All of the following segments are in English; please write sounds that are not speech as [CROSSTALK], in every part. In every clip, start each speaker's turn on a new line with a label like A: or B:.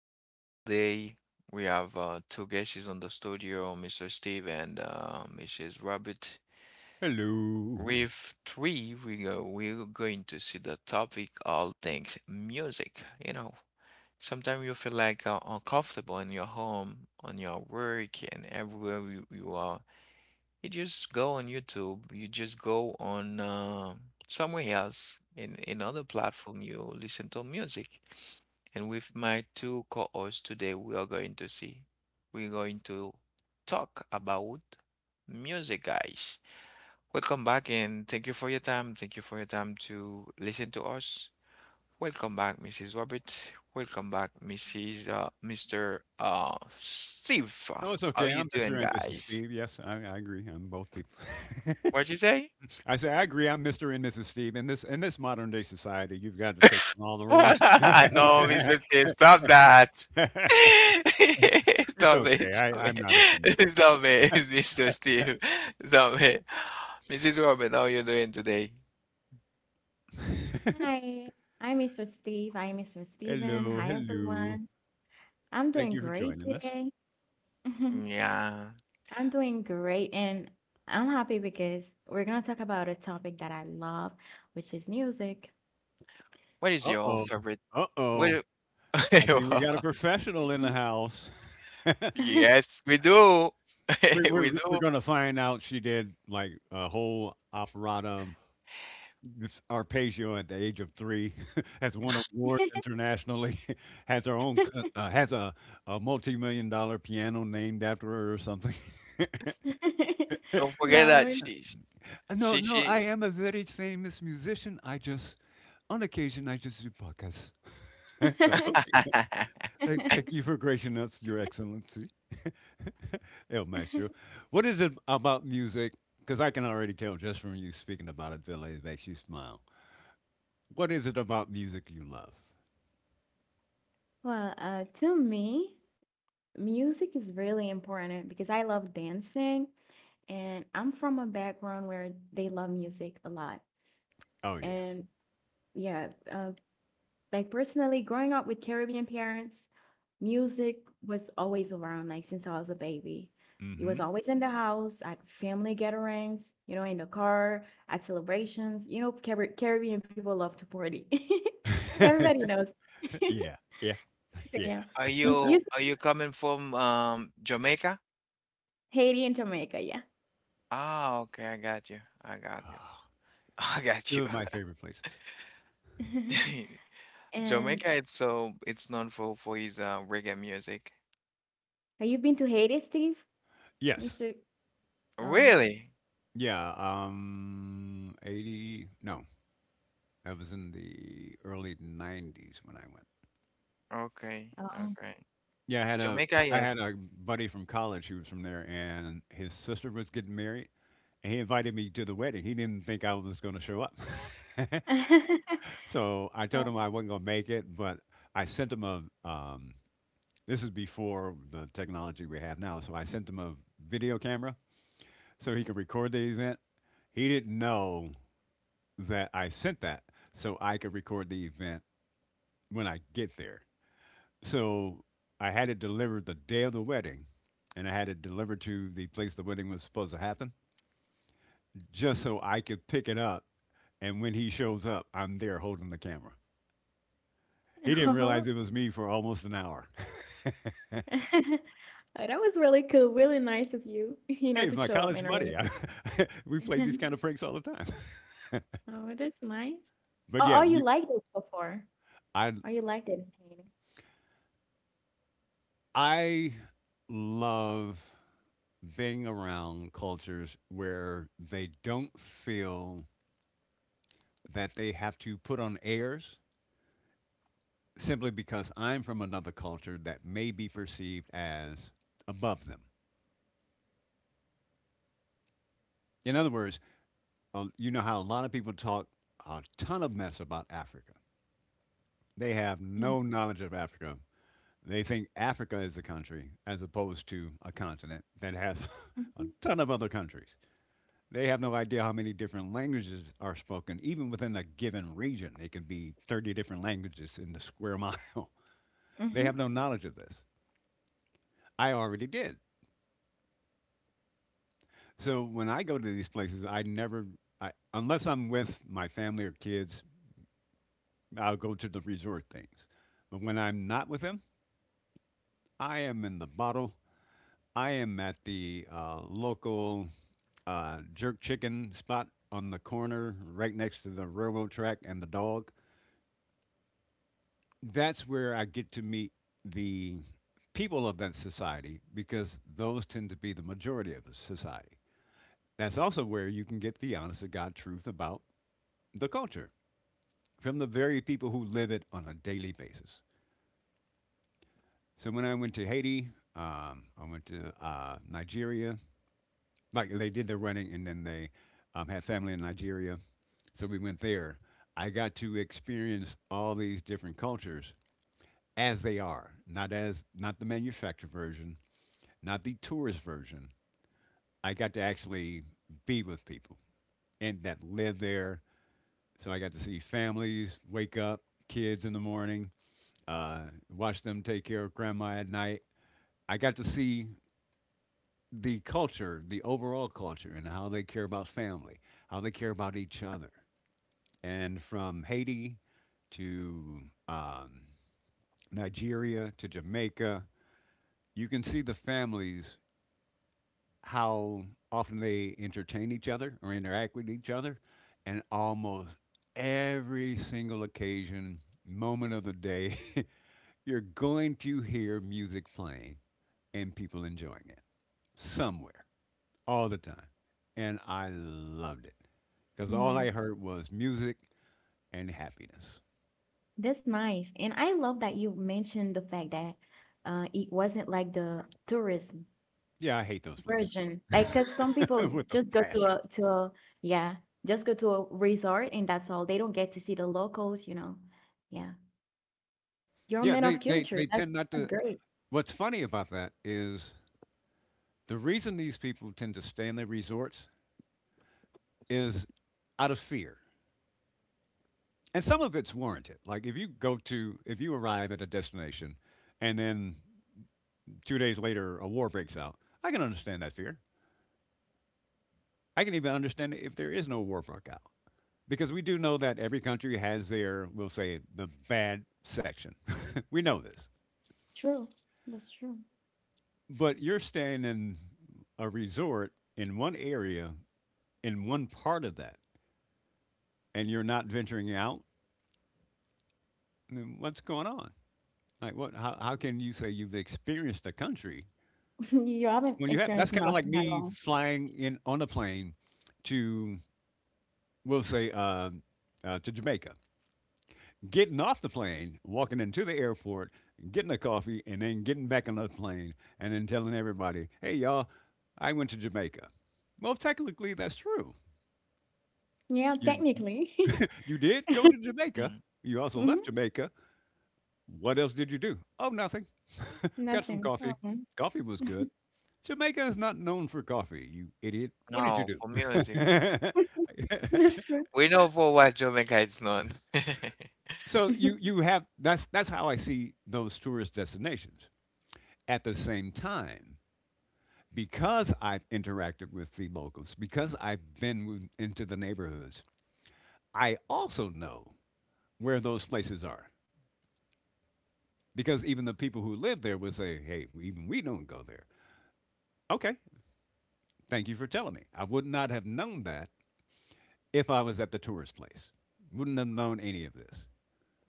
A: our crew today. We have two guests on the studio, Mr. Steve and Mrs. Robert.
B: Hello.
A: With three, we're going to see the topic, all things music. You know, sometimes you feel like uncomfortable in your home, on your work, and everywhere you are, you just go on YouTube, you just go on somewhere else in another platform, you listen to music. And with my two co-hosts today, we're going to talk about music, guys. Welcome back and thank you for your time. Thank you for your time to listen to us. Welcome back, Mrs. Robert. Welcome back, Mrs. Uh, Mr. Steve.
B: Oh, it's
A: How
B: okay.
A: you
B: I'm Mr.
A: doing,
B: and Mrs.
A: guys?
B: Steve. Yes, I agree. I'm both people.
A: What'd you say?
B: [LAUGHS] I say I agree. I'm Mr. and Mrs. Steve. In this modern day society, you've got to take on all the rules. [LAUGHS]
A: [LAUGHS] No, Mr. Steve, stop that.
B: It's
A: [LAUGHS]
B: okay. I,
A: Stop
B: I'm
A: it,
B: not
A: [LAUGHS]
B: offended.
A: stop it, [LAUGHS] Mr. Steve, stop it. Mrs. Robin, how are you doing today?
C: Hi, I'm Mr. Steve. I'm Mr. Steven.
B: Hello,
C: Hi,
B: hello.
C: everyone. I'm
B: Thank
C: doing
B: you for
C: great
B: joining us.
C: today. [LAUGHS]
A: Yeah.
C: I'm doing great, and I'm happy because we're gonna talk about a topic that I love, which is music.
A: What is
B: Uh
A: your
B: oh.
A: favorite?
B: Uh
A: What?
B: oh. I think we got a professional in the house.
A: [LAUGHS]
C: [LAUGHS]
A: Yes, we do.
B: We're,
A: [LAUGHS] We
B: we're,
A: do.
B: we're going to find out she did like a whole operata Arpeggio at the age of three, [LAUGHS] has won awards internationally, [LAUGHS] has her own, has a multi-million dollar piano named after her or something. [LAUGHS]
A: Don't forget that
C: No.
A: she,
B: No,
A: she,
B: no,
A: she.
B: I am a very famous musician. I just, on occasion, I just do podcasts. [LAUGHS] Like, okay.
C: [LAUGHS]
A: [LAUGHS]
B: Like, thank you for gracing us, Your Excellency, [LAUGHS] El Maestro. What is it about music? Because I can already tell just from you speaking about it, Villa, it makes you smile. What is it about music you love?
C: Well, to me, music is really important because I love dancing, and I'm from a background where they love music a lot.
B: Oh, yeah.
C: And yeah, like personally growing up with Caribbean parents, music was always around, like since I was a baby.
B: Mm
C: It
B: hmm.
C: was always in the house, at family gatherings, you know, in the car, at celebrations. Caribbean people love to party. [LAUGHS] Everybody knows. [LAUGHS]
B: [LAUGHS] Yeah. Yeah.
C: So
B: Yeah.
C: yeah.
A: Are you
C: Music.
A: are you coming from Jamaica?
C: Haiti and Jamaica, yeah.
A: Ah, okay, I got you. I got you. [LAUGHS] I got
B: Two
A: you.
B: of my favorite places.
C: [LAUGHS]
A: [LAUGHS]
C: And
A: Jamaica, it's so, it's known for his reggae music.
C: have you been to Haiti, Steve?
B: Yes.
C: Mr. Oh.
A: Really?
B: Yeah. 80. No, that was in the early 90s when I went.
A: Okay,
C: Oh.
A: okay.
B: Yeah,
A: Jamaica,
B: I
A: yes.
B: had a buddy from college who was from there, and his sister was getting married, and he invited me to the wedding. He didn't think I was going to show up. [LAUGHS]
C: [LAUGHS]
B: So I told him I wasn't going to make it. But I sent him a this is before the technology we have now, so I sent him a video camera so he could record the event. He didn't know that I sent that so I could record the event when I get there. So I had it delivered the day of the wedding, and I had it delivered to the place the wedding was supposed to happen, just so I could pick it up. And when he shows up, I'm there holding the camera. He didn't realize
C: Oh.
B: it
C: [LAUGHS]
B: was me for almost an hour. [LAUGHS]
C: [LAUGHS] Oh, that was really cool, really nice of you, [LAUGHS],
B: Hey, it's
C: to
B: my
C: show up
B: college
C: and everything.
B: buddy. [LAUGHS] [LAUGHS] We played these kind
C: [LAUGHS]
B: of pranks all the time.
C: Oh, that's nice.
B: [LAUGHS] But
C: Oh,
B: yeah,
C: oh, you
B: you,
C: liked it before.
B: I
C: Oh, you liked it in Haiti.
B: I love being around cultures where they don't feel that they have to put on airs simply because I'm from another culture that may be perceived as above them. In other words, you know how a lot of people talk a ton of mess about Africa. They have
C: Yeah.
B: no knowledge of Africa. They think Africa is a country as opposed to a continent that has [LAUGHS] a
C: Mhm.
B: ton of other countries. They have no idea how many different languages are spoken, even within a given region. It could be 30 different languages in the square mile. [LAUGHS] They have
C: Mhm.
B: no knowledge of this. I already did. So when I go to these places, I never, I, unless I'm with my family or kids, I'll go to the resort things. But when I'm not with them, I am in the bottle. I am at the local jerk chicken spot on the corner right next to the railroad track and the dog. That's where I get to meet the people of that society, because those tend to be the majority of the society. That's also where you can get the honest to God truth about the culture from the very people who live it on a daily basis. So when I went to Haiti, I went to Nigeria. Like they did the running, and then they had family in Nigeria, so we went there. I got to experience all these different cultures as they are, not as not the manufactured version, not the tourist version. I got to actually be with people and that live there. So I got to see families wake up, kids in the morning, uh, watch them take care of grandma at night. I got to see the culture, the overall culture, and how they care about family, how they care about each other. And from Haiti to um, Nigeria to Jamaica, you can see the families, how often they entertain each other or interact with each other. And almost every single occasion, moment of the day, [LAUGHS] you're going to hear music playing and people enjoying it somewhere all the time. And I loved it because all I
C: Yeah.
B: heard was music and happiness.
C: That's nice. And I love that you mentioned the fact that it wasn't like the tourist
B: Yeah, I hate those places
C: version. Like, cause some
B: [LAUGHS]
C: people
B: with a
C: just go to
B: passion.
C: a to a, yeah, just go to a resort and that's all. They don't get to see the locals. Yeah. You're a
B: Yeah,
C: man
B: they,
C: of
B: they,
C: culture.
B: they tend not
C: That's
B: to.
C: great.
B: What's funny about that is the reason these people tend to stay in the resorts is out of fear. And some of it's warranted. Like if you go to, if you arrive at a destination and then 2 days later a war breaks out, I can understand that fear. I can even understand it if there is no war breakout, because we do know that every country has their, we'll say, the bad section. [LAUGHS] We know this.
C: True. That's true.
B: But you're staying in a resort in one area, in one part of that, and you're not venturing out. I mean, what's going on? Like, what? How can you say you've experienced a country
C: [LAUGHS] You haven't
B: when you have? That's
C: experienced
B: kind of like
C: nothing at
B: me
C: all.
B: flying in on a plane to, we'll say, to Jamaica. Getting off the plane, walking into the airport, getting a coffee, and then getting back on the plane, and then telling everybody, "Hey, y'all, I went to Jamaica." Well, technically, that's true.
C: Yeah,
B: You
C: technically. [LAUGHS]
B: you did go to Jamaica.
A: Mm.
B: You also left
C: Mhm.
B: Jamaica. What else did you do? Oh, nothing. Got some
C: Nothing.
B: coffee. Coffee was good. Jamaica is not known for coffee, you idiot. What did you
A: No,
B: do?
A: for music.
B: [LAUGHS]
C: [LAUGHS] That's true.
A: We know for what Jamaica is known. [LAUGHS]
B: So you
C: [LAUGHS]
B: have that's how I see those tourist destinations. At the same time, because I've interacted with the locals, because I've been into the neighborhoods, I also know where those places are. Because even the people who live there would say, hey, even we don't go there. Okay, thank you for telling me. I would not have known that if I was at the tourist place. Wouldn't have known any of this.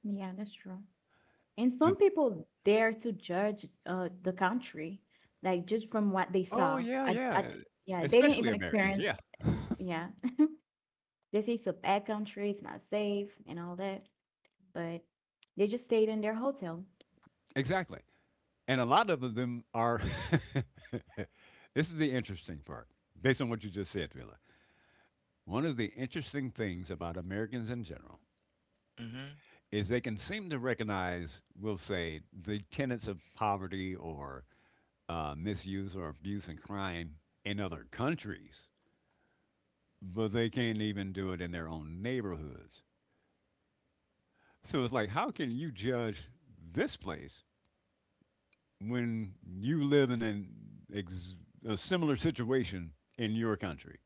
C: Yeah, that's true. And
B: The,
C: some people dare to judge the country, like just from what they
B: oh,
C: saw.
B: yeah, yeah.
C: Yeah, they didn't
B: Especially
C: even
B: Americans.
C: experience
B: Yeah,
C: it. Yeah. [LAUGHS] They say it's a bad country, it's not safe and all that, but they just stayed in their hotel.
B: exactly. And a lot of them are. [LAUGHS] This is the interesting part, based on what you just said, Phil. One of the interesting things about Americans in general
A: Mm-hmm.
B: is they can seem to recognize, we'll say, the tenets of poverty or misuse or abuse and crime in other countries, but they can't even do it in their own neighborhoods. So it's like, how can you judge this place when you live in ex- a similar situation in your country?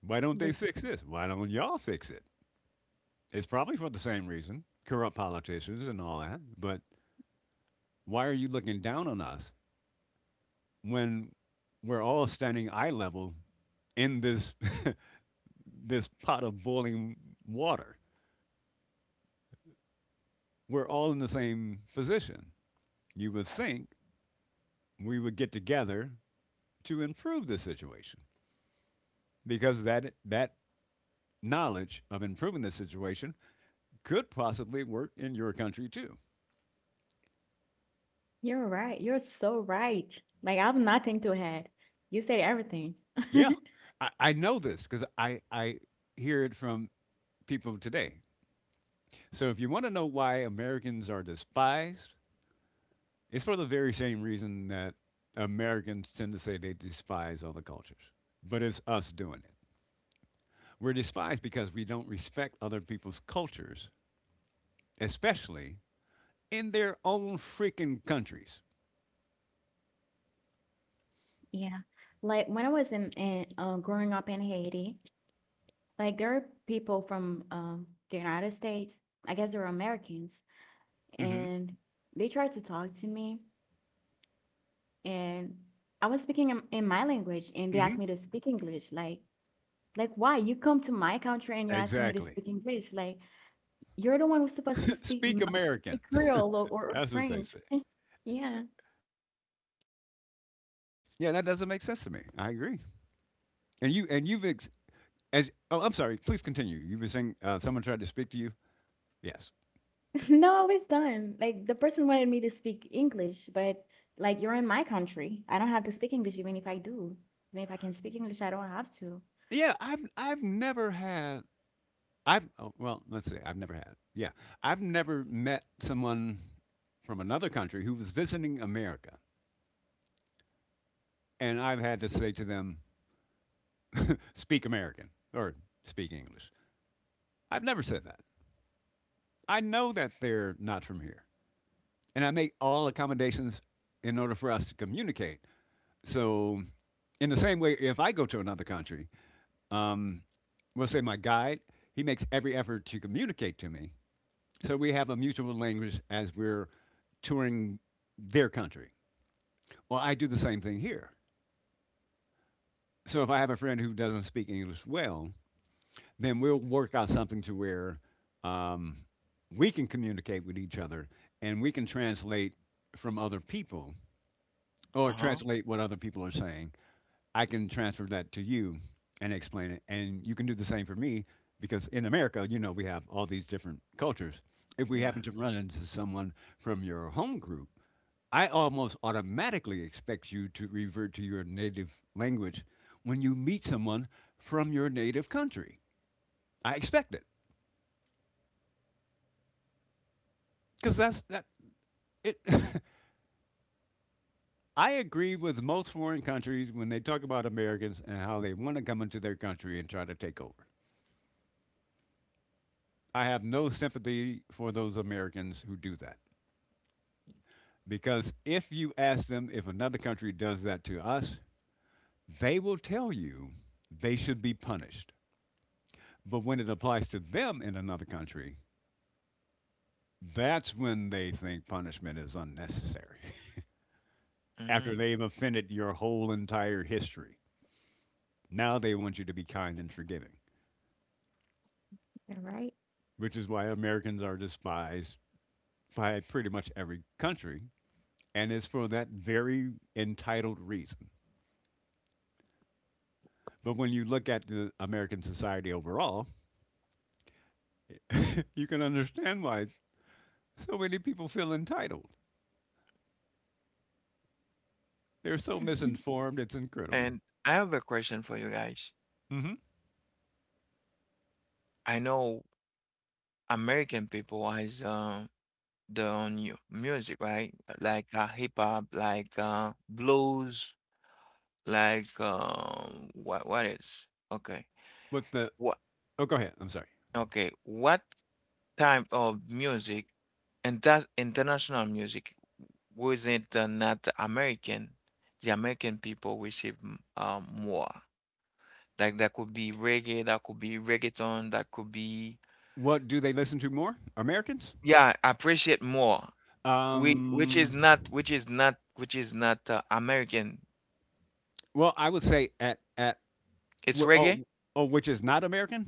B: Why don't they
C: This
B: fix this? Why don't y'all fix it? It's probably for the same reason, corrupt politicians and all that, but why are you looking down on us when we're all standing eye level in this [LAUGHS] this pot of boiling water? We're all in the same position. You would think we would get together to improve the situation, because that knowledge of improving the situation could possibly work in your country too.
C: you're right. You're so right. Like, I have nothing to add. You said everything. [LAUGHS]
B: Yeah, I know this because I hear it from people today. So if you want to know why Americans are despised, it's for the very same reason that Americans tend to say they despise other cultures, but it's us doing it. We're despised because we don't respect other people's cultures, especially in their own freaking countries.
C: Yeah. Like when I was in, growing up in Haiti, like there are people from the United States. I guess they're Americans,
B: Hmm.
C: and they tried to talk to me, and I was speaking in my language, and they
B: Hmm.
C: asked me to speak English. Like why you come to my country and you're asking me to
B: Exactly.
C: speak English? Like, you're the one who's supposed to
B: [LAUGHS]
C: speak
B: Speak American.
C: speak Creole, or
B: That's what they
C: French.
B: say.
C: [LAUGHS] Yeah.
B: Yeah, that doesn't make sense to me. I agree. And you and you've ex- as oh, I'm sorry. Please continue. You've been saying someone tried to speak to you. Yes.
C: [LAUGHS] No, I was done. Like the person wanted me to speak English, but like you're in my country. I don't have to speak English even if I do. Even if I can speak English, I don't have to.
B: Yeah, I've never had I've oh, well, let's see. I've never had it. Yeah, I've never met someone from another country who was visiting America, and I've had to say to them, "Speak American" or "Speak English." I've never said that. I know that they're not from here, and I make all accommodations in order for us to communicate. So, in the same way, if I go to another country, um, we'll say my guide, he makes every effort to communicate to me, so we have a mutual language as we're touring their country. Well, I do the same thing here. So if I have a friend who doesn't speak English well, then we'll work out something to where um, we can communicate with each other, and we can translate from other people or
A: Uh-huh.
B: translate what other people are saying. I can transfer that to you and explain it. And you can do the same for me, because in America, you know, we have all these different cultures. If we
A: Yeah.
B: happen to run into someone from your home group, I almost automatically expect you to revert to your native language when you meet someone from your native country. I expect it because that's that. It, [LAUGHS] I agree with most foreign countries when they talk about Americans and how they want to come into their country and try to take over. I have no sympathy for those Americans who do that. Because if you ask them if another country does that to us, they will tell you they should be punished. But when it applies to them in another country, that's when they think punishment is unnecessary. [LAUGHS] After
A: Mm-hmm.
B: they've offended your whole entire history, now they want you to be kind and forgiving,
C: All right.
B: which is why Americans are despised by pretty much every country. And it's for that very entitled reason. But when you look at the American society overall, you can understand why so many people feel entitled. They're so
C: Hmm.
B: misinformed, it's incredible.
A: And I have a question for you guys.
B: Hmm.
A: I know American people has their own new music, right? Like hip hop, like blues, like what else? Okay.
B: With the—
A: What
B: oh, go ahead. I'm sorry.
A: Okay, what type of music, and that's international music, was it not American? The American people receive more. Like that could be reggae, that could be reggaeton, that could be
B: What do they listen to more? Americans?
A: yeah, appreciate more. We which is
B: Um,
A: not which is not which is not American.
B: well, I would say at
A: It's reggae.
B: oh, oh, which is not American.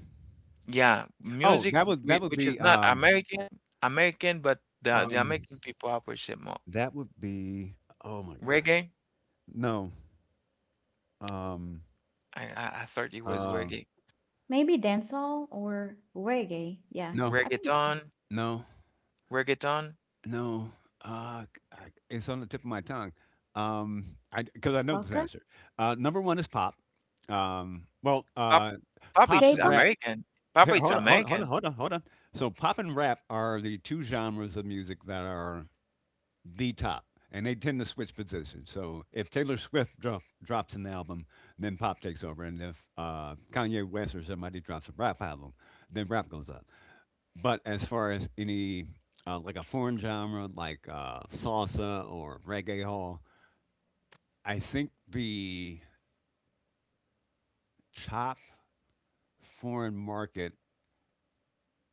A: Yeah,
B: Oh,
A: music
B: that would— that would
A: which is
B: be
A: not
B: um
A: American, American, but the
B: um
A: American people appreciate more.
B: that would be— oh my god.
A: Reggae.
B: No. Um.
A: I thought it was
B: Um.
A: reggae.
C: Maybe dancehall or reggae. Yeah,
B: No.
C: I think it's
A: Reggaeton,
B: No.
A: reggaeton.
B: No, I, it's on the tip of my tongue. Um, I, because I know this
C: soca,
B: answer. Number one is pop. Um, well,
A: Pop,
B: uh,
A: pop
B: pop
A: it's
B: and
C: K-pop.
B: rap.
A: American. Pop
B: Hey,
A: it's
B: hold on, hold on, hold on,
A: American.
B: hold on, hold on. So pop and rap are the two genres of music that are the top, and they tend to switch positions. So if Taylor Swift drops an album, then pop takes over, and if Kanye West or somebody drops a rap album, then rap goes up. But as far as any like a foreign genre like salsa or reggae hall, I think the top foreign market.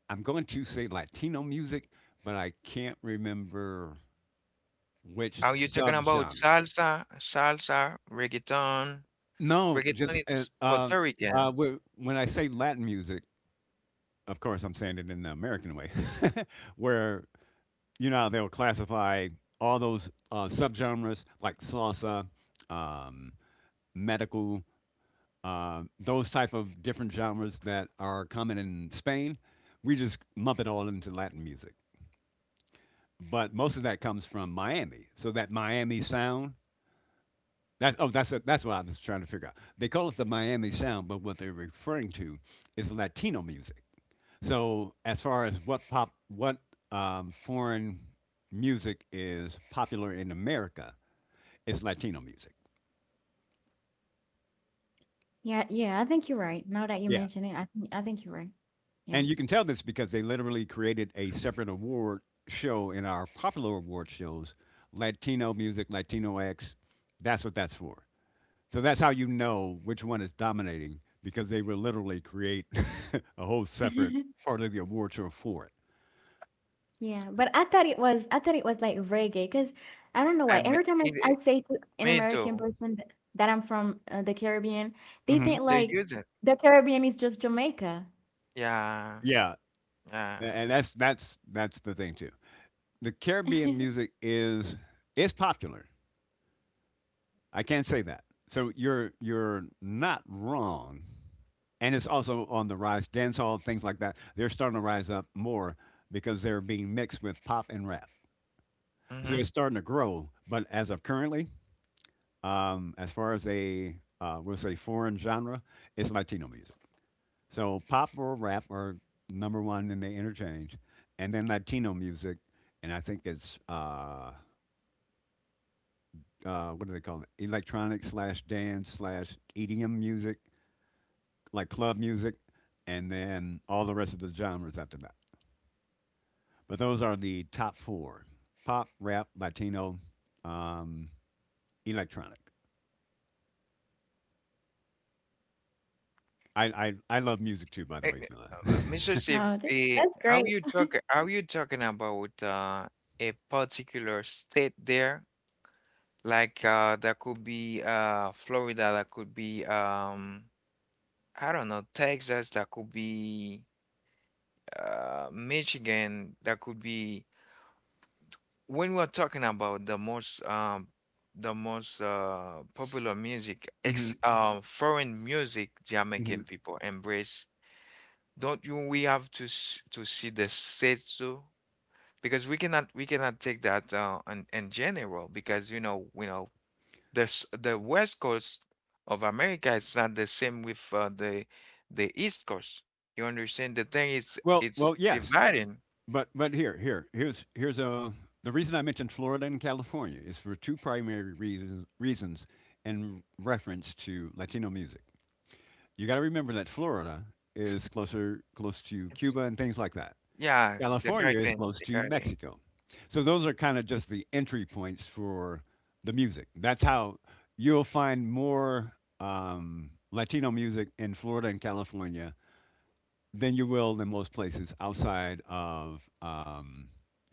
B: I'm going to say Latino music, but I can't remember which
A: Are you talking about
B: subgenre.
A: salsa, reggaeton?
B: No,
A: Reggaeton
B: just
A: it's Puerto Rican.
B: when I say Latin music, of course, I'm saying it in the American way, [LAUGHS] where, you know, how they'll classify all those subgenres like salsa, um, medical, those type of different genres that are common in Spain. We just lump it all into Latin music, but most of that comes from Miami. So that Miami sound. That's— oh, that's— that's what I was trying to figure out. They call it the Miami sound, but what they're referring to is Latino music. So as far as what pop, what foreign music is popular in America, it's Latino music.
C: Yeah, yeah, I think you're right. Now that you
B: Yeah.
C: mention it, I think you're right. Yeah.
B: And you can tell this because they literally created a separate award show in our popular award shows— Latino music, Latino X. That's what that's for. So that's how you know which one is dominating, because they will literally create [LAUGHS] a whole separate
C: [LAUGHS]
B: part of the award show for it.
C: Yeah, but I thought it was I thought it was like reggae because I don't know
A: I
C: why
A: mean,
C: every time I say to an
A: me
C: American
A: too.
C: person that, that I'm from the Caribbean, they
B: Hmm.
C: think
A: They
C: like
A: use it.
C: the Caribbean is just Jamaica.
A: Yeah,
B: Yeah,
A: yeah.
B: and that's the thing too. The Caribbean
C: [LAUGHS]
B: music is— is popular. I can't say that. So you're— you're not wrong, and it's also on the rise. Dance hall, things like that, they're starting to rise up more because they're being mixed with pop and rap. So
A: Mm-hmm.
B: it's starting to grow. But as of currently, as far as a we'll say foreign genre, it's Latino music. So pop or rap are number one in the interchange, and then Latino music, and I think it's what do they call it? Electronic slash dance slash EDM music, like club music, and then all the rest of the genres after that. But those are the top four: pop, rap, Latino, um, electronic. I love music too, by the way, Villa.
A: Mr. Steve,
C: Oh, that,
A: eh,
C: that's
A: are
C: great.
A: you talking? Are you talking about a particular state there? Like that could be Florida. That could be I don't know, Texas, that could be Michigan, that could be when we're talking about the most popular music,
B: [LAUGHS] Hmm.
A: ex foreign music
B: Hmm.
A: Jamaican people embrace. Don't you we have to see the set too? Because we cannot take that in general, because you know, the the west coast of America is not the same with the east coast. You understand? The thing is,
B: Well,
A: it's
B: well, yes,
A: dividing.
B: but here here here's here's a the reason I mentioned Florida and California is for two primary reasons in reference to Latino music. You got to remember that Florida is close to
A: It's
B: Cuba and things like that.
A: yeah, the
B: California is
A: Caribbean,
B: close
A: the
B: to
A: Caribbean.
B: Mexico. So those are kind of just the entry points for the music. That's how you'll find more Latino music in Florida and California than you will in most places outside of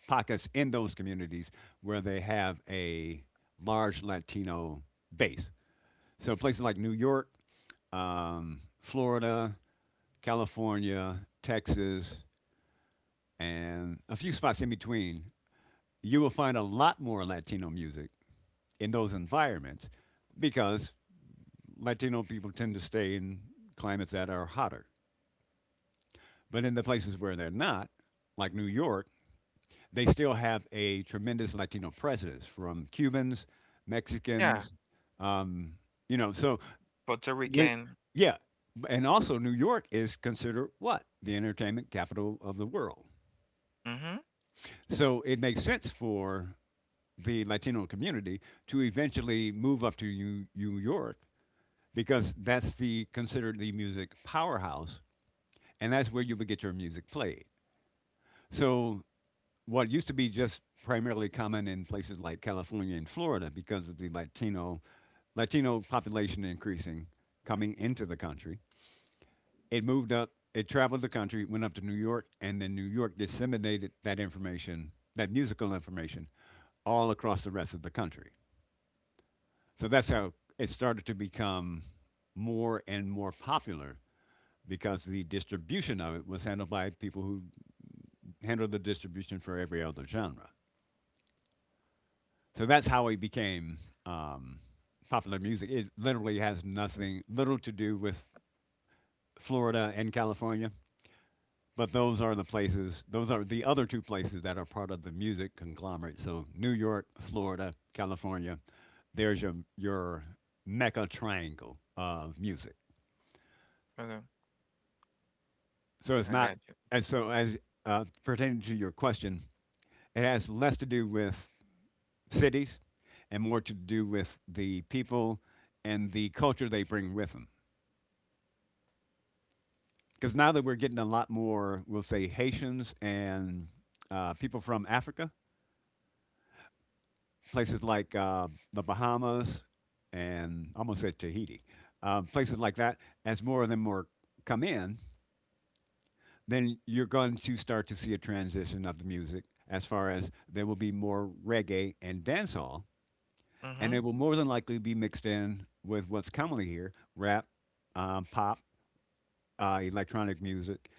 B: pockets in those communities where they have a large Latino base. So places like New York, Florida, California, Texas, and a few spots in between, you will find a lot more Latino music in those environments because Latino people tend to stay in climates that are hotter. But in the places where they're not, like New York, they still have a tremendous Latino presence from Cubans,
A: Yeah,
B: Mexicans, um, you know. So
A: Puerto
B: when,
A: Rican.
B: yeah, and also New York is considered what— the entertainment capital of the world.
A: Mm-hmm.
B: So it makes sense for the Latino community to eventually move up to New York, because that's the considered the music powerhouse, and that's where you would get your music played. So what used to be just primarily common in places like California and Florida, because of the Latino population increasing, coming into the country, it moved up. It traveled the country, went up to New York, and then New York disseminated that information, that musical information, all across the rest of the country. So that's how it started to become more and more popular, because the distribution of it was handled by people who handled the distribution for every other genre. So that's how it became um, popular music. It literally has nothing, little to do with Florida and California, but those are the places, those are the other two places that are part of the music conglomerate. So New York, Florida, California, there's your mecca triangle of music.
A: Okay,
B: So it's
A: I
B: not
A: got you.
B: as so as pertaining to your question, it has less to do with cities and more to do with the people and the culture they bring with them. Because now that we're getting a lot more, we'll say Haitians and people from Africa, places like the Bahamas, and I almost said Tahiti, places like that, as more of them more come in, then you're going to start to see a transition of the music, as far as there will be more reggae and dancehall, and
A: Mm-hmm.
B: it will more than likely be mixed in with what's commonly here— rap, pop, electronic music.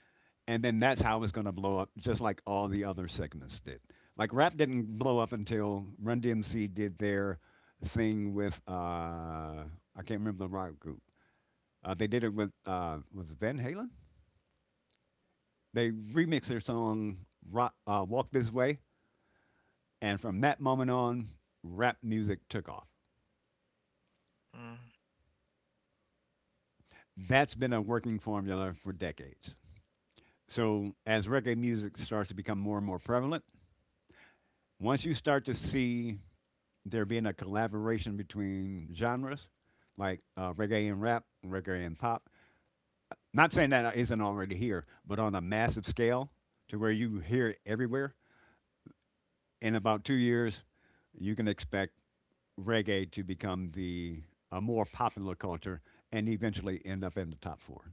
B: And then that's how it's going to blow up, just like all the other segments did. Like rap didn't blow up until Run DMC did their thing with, I can't remember the rock group. They did it with, was it Van Halen? They remixed their song— rock, Walk This Way. And from that moment on, rap music took off.
A: Mm,
B: That's been a working formula for decades. So, as reggae music starts to become more and more prevalent, once you start to see there being a collaboration between genres, like reggae and rap, reggae and pop, not saying that isn't already here, but on a massive scale to where you hear it everywhere, in about 2 years, you can expect reggae to become the— a more popular culture and eventually end up in the top four.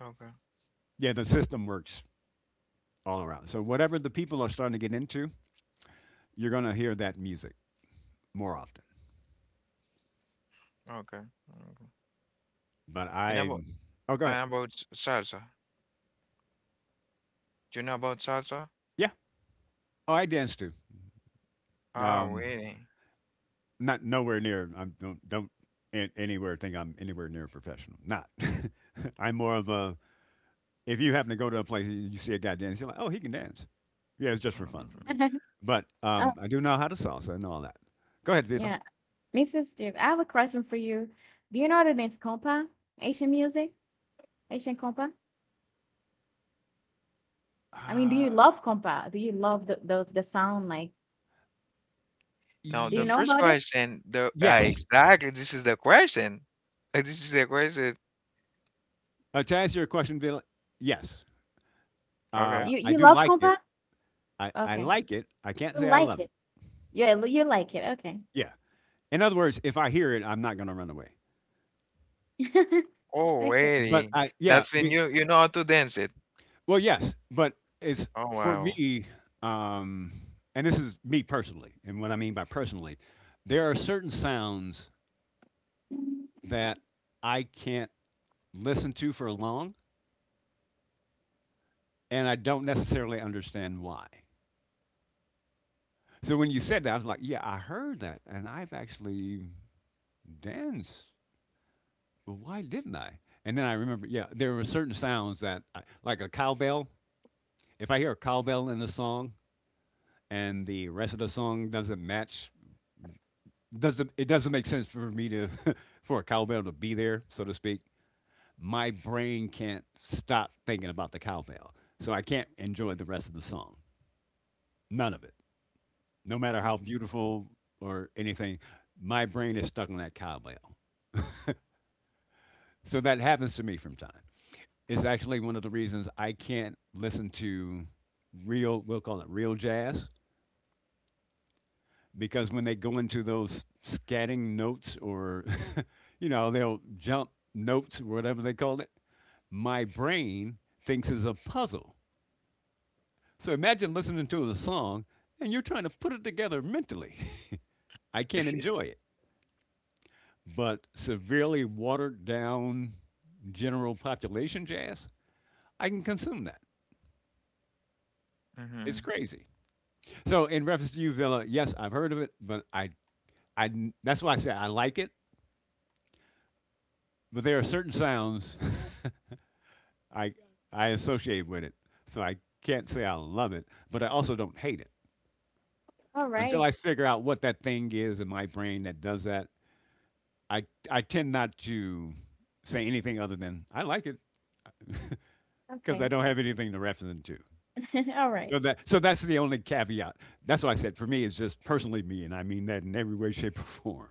A: okay,
B: Yeah, the system works all around. So whatever the people are starting to get into, you're gonna hear that music more often.
A: okay, okay.
B: But
A: And
B: I—
A: about,
B: oh, go ahead.
A: salsa. Do you know about salsa?
B: Yeah. Oh, I dance too.
A: Ah,
B: Um,
A: really?
B: not nowhere near. I don't an- anywhere— think I'm anywhere near professional. Not. [LAUGHS] I'm more of a— if you happen to go to a place and you see a guy dance, you're like, oh, he can dance. Yeah, it's just for fun for
A: Mm.
B: me.
C: [LAUGHS]
B: But
C: Oh,
B: I do know how to salsa and all that. Go ahead, Vila.
C: yeah. Mr. Steve, I have a question for you. Do you know the dance compa? Asian music? Asian compa? I mean, do
B: Uh,
C: you love compa? Do you love the sound? Like,
A: Now
C: do
A: the
C: you
B: y-
C: know
A: first
C: about it?
A: question, the
B: yes.
A: exactly, this is the question. [LAUGHS] This is the question.
B: To answer your question, Vila, yes.
A: Okay.
C: You
B: I
C: you
B: do
C: love
B: like it.
C: compa?
B: I
C: Okay.
B: like it. I can't
C: You
B: say I
C: like
B: love
C: it.
B: it.
C: Yeah, you like it. Okay.
B: Yeah. In other words, if I hear it, I'm not gonna run away.
C: [LAUGHS]
A: Oh,
C: Okay.
B: But
A: wedding.
B: I— yeah,
A: That's when
B: be—
A: you know how to dance it.
B: well, yes, but it's—
A: Oh,
B: for
A: wow.
B: me, um, and this is me personally, and what I mean by personally, there are certain sounds that I can't listen to for long, and I don't necessarily understand why. So when you said that, I was like, yeah, I heard that, and I've actually danced— well, why didn't I? And then I remember, yeah, there were certain sounds that— I, like a cowbell. If I hear a cowbell in a song and the rest of the song doesn't match, doesn't it doesn't make sense for me to, [LAUGHS] for a cowbell to be there, so to speak. My brain can't stop thinking about the cowbell, so I can't enjoy the rest of the song. None of it, no matter how
A: Mm-hmm.
B: beautiful or anything. My brain is stuck on that cowbell, so that happens to me from time. Is actually one of the reasons I can't listen to real, we'll call it real jazz, because when they go into those scatting notes or, [LAUGHS] you know, they'll jump notes or whatever they call it, my brain thinks is a puzzle. So imagine listening to a song and you're trying to put it together mentally. [LAUGHS] I can't enjoy it. But severely watered down general population jazz, I can consume that. It's
A: [LAUGHS]
B: crazy. So in reference to you, Villa, yes, I've heard of it, but I, that's why I say I like it. But there are certain sounds [LAUGHS] I, I associate with it, so I can't say I love it, but I also don't hate it.
C: All
B: Until
C: right.
B: I figure out what that thing is in my brain that does that, I, I tend not to say anything other than I like it because I
C: Okay.
B: don't have anything to reference it to.
C: [LAUGHS] All right.
B: So that's the only caveat. That's why I said for me, it's just personally me, and I mean that in every way, shape, or form.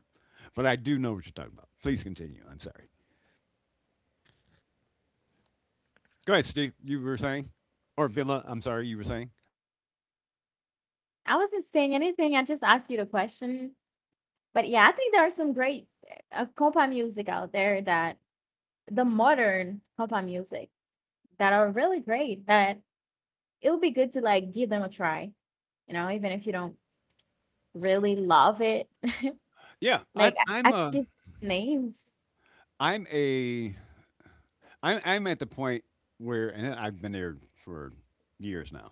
B: But I do know what you're talking about. Please continue. I'm sorry. Go ahead, Steve. You were saying, or Villa? I'm sorry, you were saying.
C: I wasn't saying anything. I just asked you the question. But yeah, I think there are some great compa music out there that the modern compa music that are really great that it would be good to like give them a try, even if you don't really love it. [LAUGHS]
B: Yeah,
C: Like
B: I'm. I'm
C: I could
B: a.
C: give names.
B: I'm a. I'm. I'm at the point where, and I've been there for years now.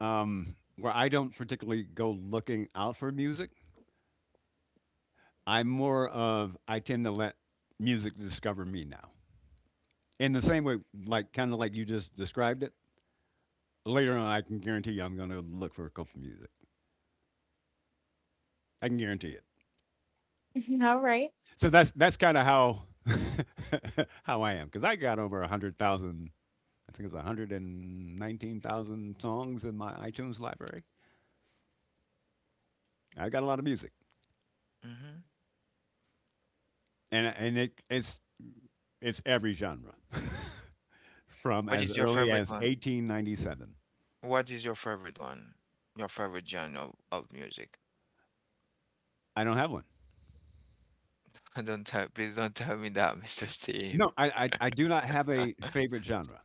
B: Where I don't particularly go looking out for music. I'm more of. I tend to let music discover me now. In the same way, like kind of like you just described it. Later on, I can guarantee you, I'm going to look for a couple of music. I can guarantee it.
C: [LAUGHS] All right.
B: So that's kind of how [LAUGHS] how I am because I got over 100,000 I think it's 119,000 songs in my iTunes library. I got a lot of music,
A: Mm-hmm.
B: and it's every genre, [LAUGHS] from
A: What
B: as
A: is your
B: early
A: favorite
B: as
A: one?
B: 1897.
A: What is your favorite one? Your favorite genre of music?
B: I don't have one.
A: [LAUGHS] Don't tell, please don't tell me that, Mr. Steve.
B: No, I do not have
A: [LAUGHS]
B: a
A: All
B: favorite genre.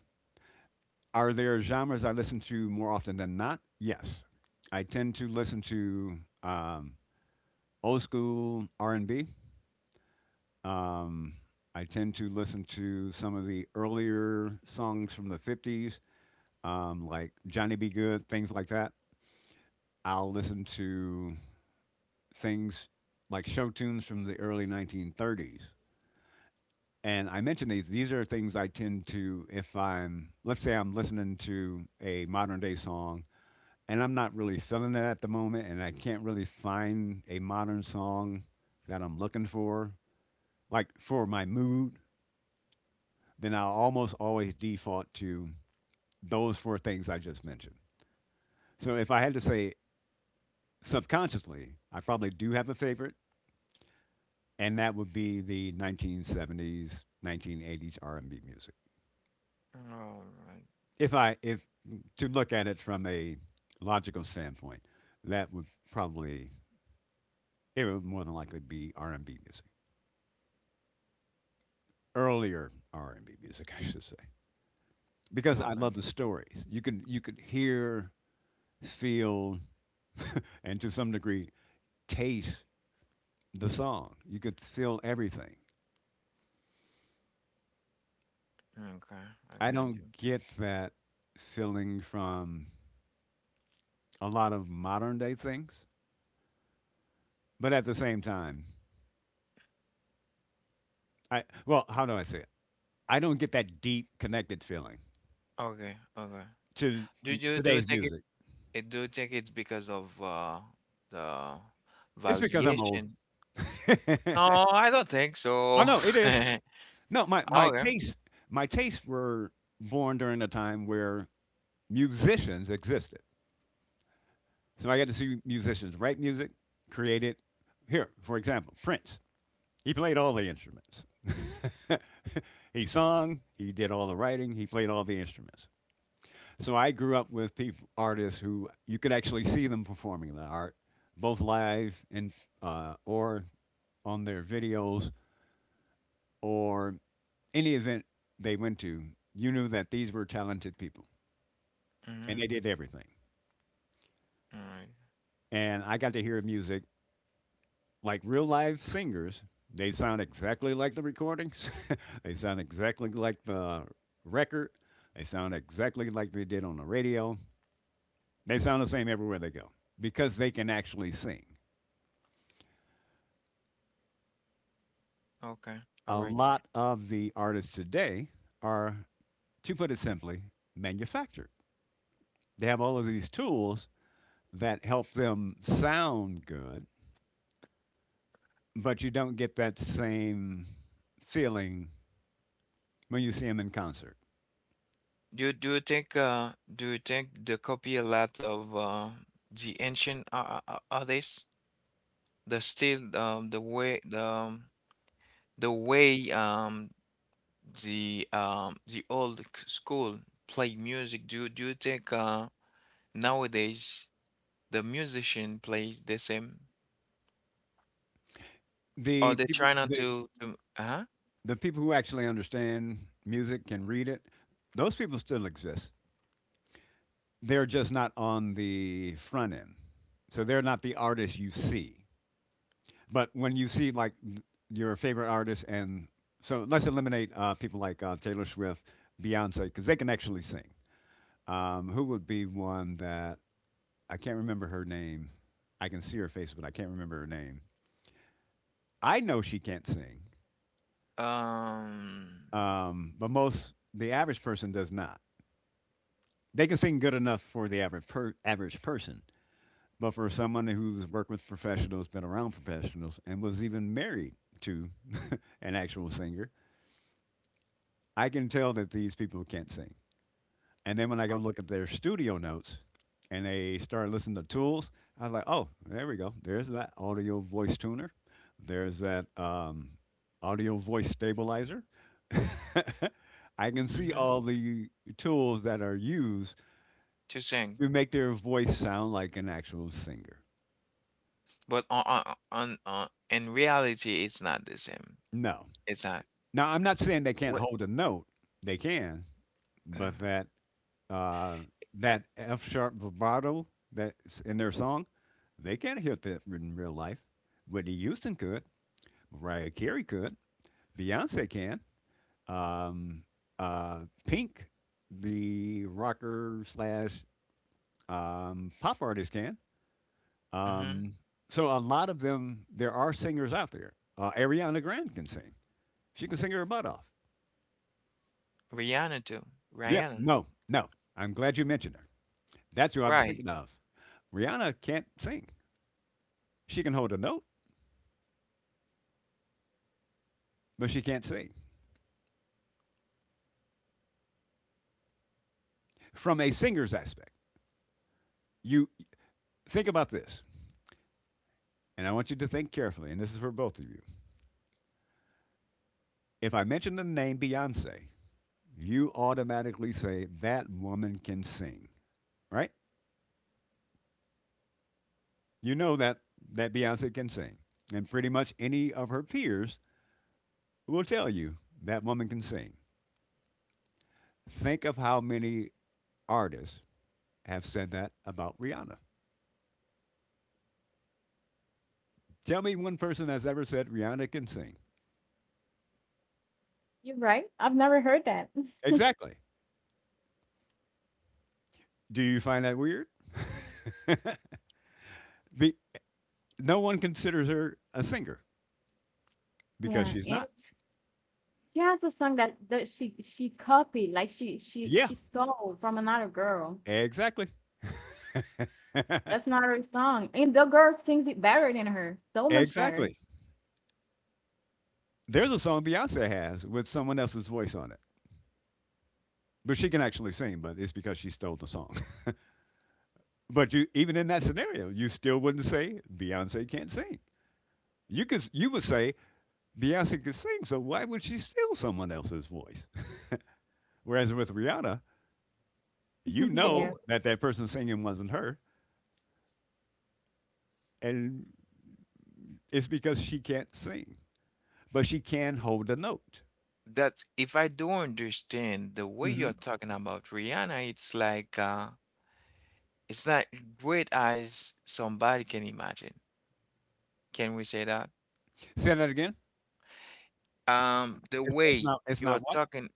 B: Are there genres I listen to more often than not? Yes, I tend to listen to old school R and B. Um, I tend to listen to some of the earlier songs from the 50s, like Johnny B. Good, things like that. I'll listen to things like show tunes from the early 1930s. And I mention these are things I tend to, if I'm, let's say I'm listening to a modern day song and I'm not really feeling it at the moment and I can't really find a modern song that I'm looking for, like for my mood, then I'll almost always default to those four things I just mentioned. So if I had to say subconsciously, I probably do have a favorite, and that would be the 1970s, 1980s R&B music.
A: right.
B: If to look at it from a logical standpoint, that would probably it would more than likely be R&B music, earlier R&B music, [LAUGHS] I should say, because I
A: Okay.
B: love the stories. You could hear, feel, and to some degree taste the song. You could feel everything.
A: Okay. I
B: I
A: got you.
B: don't get that feeling from a lot of modern day things, but at the same time, I well, how do I say it? I don't get that deep connected feeling
A: Okay. Okay.
B: to
A: Do
B: m-
A: you do you
B: today's
A: think it,
B: music.
A: do you think it's because of the
B: It's because I'm old.
A: variation?
B: [LAUGHS] oh
A: No, I don't think so.
B: no, it is.
A: [LAUGHS]
B: No, my
A: Okay.
B: tastes my tastes were born during a time where musicians existed. So I got to see musicians write music, create it. Here, for example, Prince. He played all the instruments. [LAUGHS] he sung, he did all the writing, he played all the instruments. So I grew up with people, artists who you could actually see them performing the art, both live and or on their videos or any event they went to. You knew that these were talented people, and
A: Mm-hmm.
B: they did everything.
A: All right.
B: And I got to hear music like real live singers. They sound exactly like the recordings. [LAUGHS] they sound exactly like the record. They sound exactly like they did on the radio. They sound the same everywhere they go because they can actually sing.
A: Okay. All
B: A
A: right.
B: lot of the artists today are, to put it simply, manufactured. They have all of these tools that help them sound good, but you don't get that same feeling when you see them in concert.
A: Do you think do you think they copy a lot of the ancient artists? The still the way the way the old school play music. Do you think nowadays the musician plays the same or
B: The
A: they try
B: people,
A: not
B: the,
A: to uh-huh
B: the people who actually understand music can read it. Those people still exist. They're just not on the front end. So they're not the artists you see. But when you see like th- your favorite artist, and so let's eliminate people like Taylor Swift, Beyonce, because they can actually sing. Who would be one that I can't remember her name? I can see her face, but I can't remember her name. I know she can't sing,
A: um
B: but most the average person does not. They can sing good enough for the average person, but for someone who's worked with professionals, been around professionals, and was even married to an actual singer, I can tell that these people can't sing. And then when I go look at their studio notes and they start listening to tools, I was like, oh, there we go. There's that audio voice tuner. There's that audio voice stabilizer. [LAUGHS] I can see
A: mm-hmm,
B: all the tools that are used
A: to sing,
B: to make their voice sound like an actual singer.
A: but in reality it's not the same.
B: No.
A: It's not.
B: Now, I'm not saying they can't
A: What
B: hold a note, they can,
A: uh,
B: but that uh, that F sharp vibrato that's in their song, they can't hit that in real life. Whitney Houston could, Mariah Carey could, Beyonce can. Um, uh, Pink, the rocker slash pop artist, can.
A: mhm.
B: Um, so a lot of them, there are singers out there. Ariana Grande can sing. She can sing her butt off.
A: Rihanna too?
B: Yeah,
A: Rihanna.
B: no. I'm glad you mentioned her. That's who I was
A: Right.
B: thinking of. Rihanna can't sing. She can hold a note, but she can't sing. From a singer's aspect, you think about this, and I want you to think carefully, and this is for both of you. If I mention the name Beyonce, you automatically say that woman can sing, right? You know that Beyonce can sing, and pretty much any of her peers will tell you that woman can sing. Think of how many artists have said that about Rihanna. Tell me one person has ever said Rihanna can sing.
C: You're right. I've never heard that. [LAUGHS]
B: Exactly. Do you find that weird? Be- no one considers her a singer because
C: Yeah.
B: she's
C: And
B: not.
C: she has a song that that she copied, like
B: Yeah,
C: she stole from another girl.
B: exactly.
C: That's
B: [LAUGHS]
C: not her song, and the girl sings it better than her, so much better.
B: exactly. There's a song Beyonce has with someone else's voice on it. But she can actually sing, but it's because she stole the song. [LAUGHS] but you even in that scenario, you still wouldn't say Beyonce can't sing. You would say Beyonce can sing, so why would she steal someone else's voice? [LAUGHS] Whereas with Rihanna, you
C: [LAUGHS]
A: Well,
B: know
C: Yeah,
A: well,
B: that person singing wasn't her, and it's because she can't sing, but she can hold a note.
A: that's, if I do understand the way you're
B: Hmm.
A: talking about Rihanna, it's like it's not great as somebody can imagine. Can we say that?
B: Say that again.
A: The
B: It's
A: way
B: not. It's
A: you're
B: not what.
A: talking,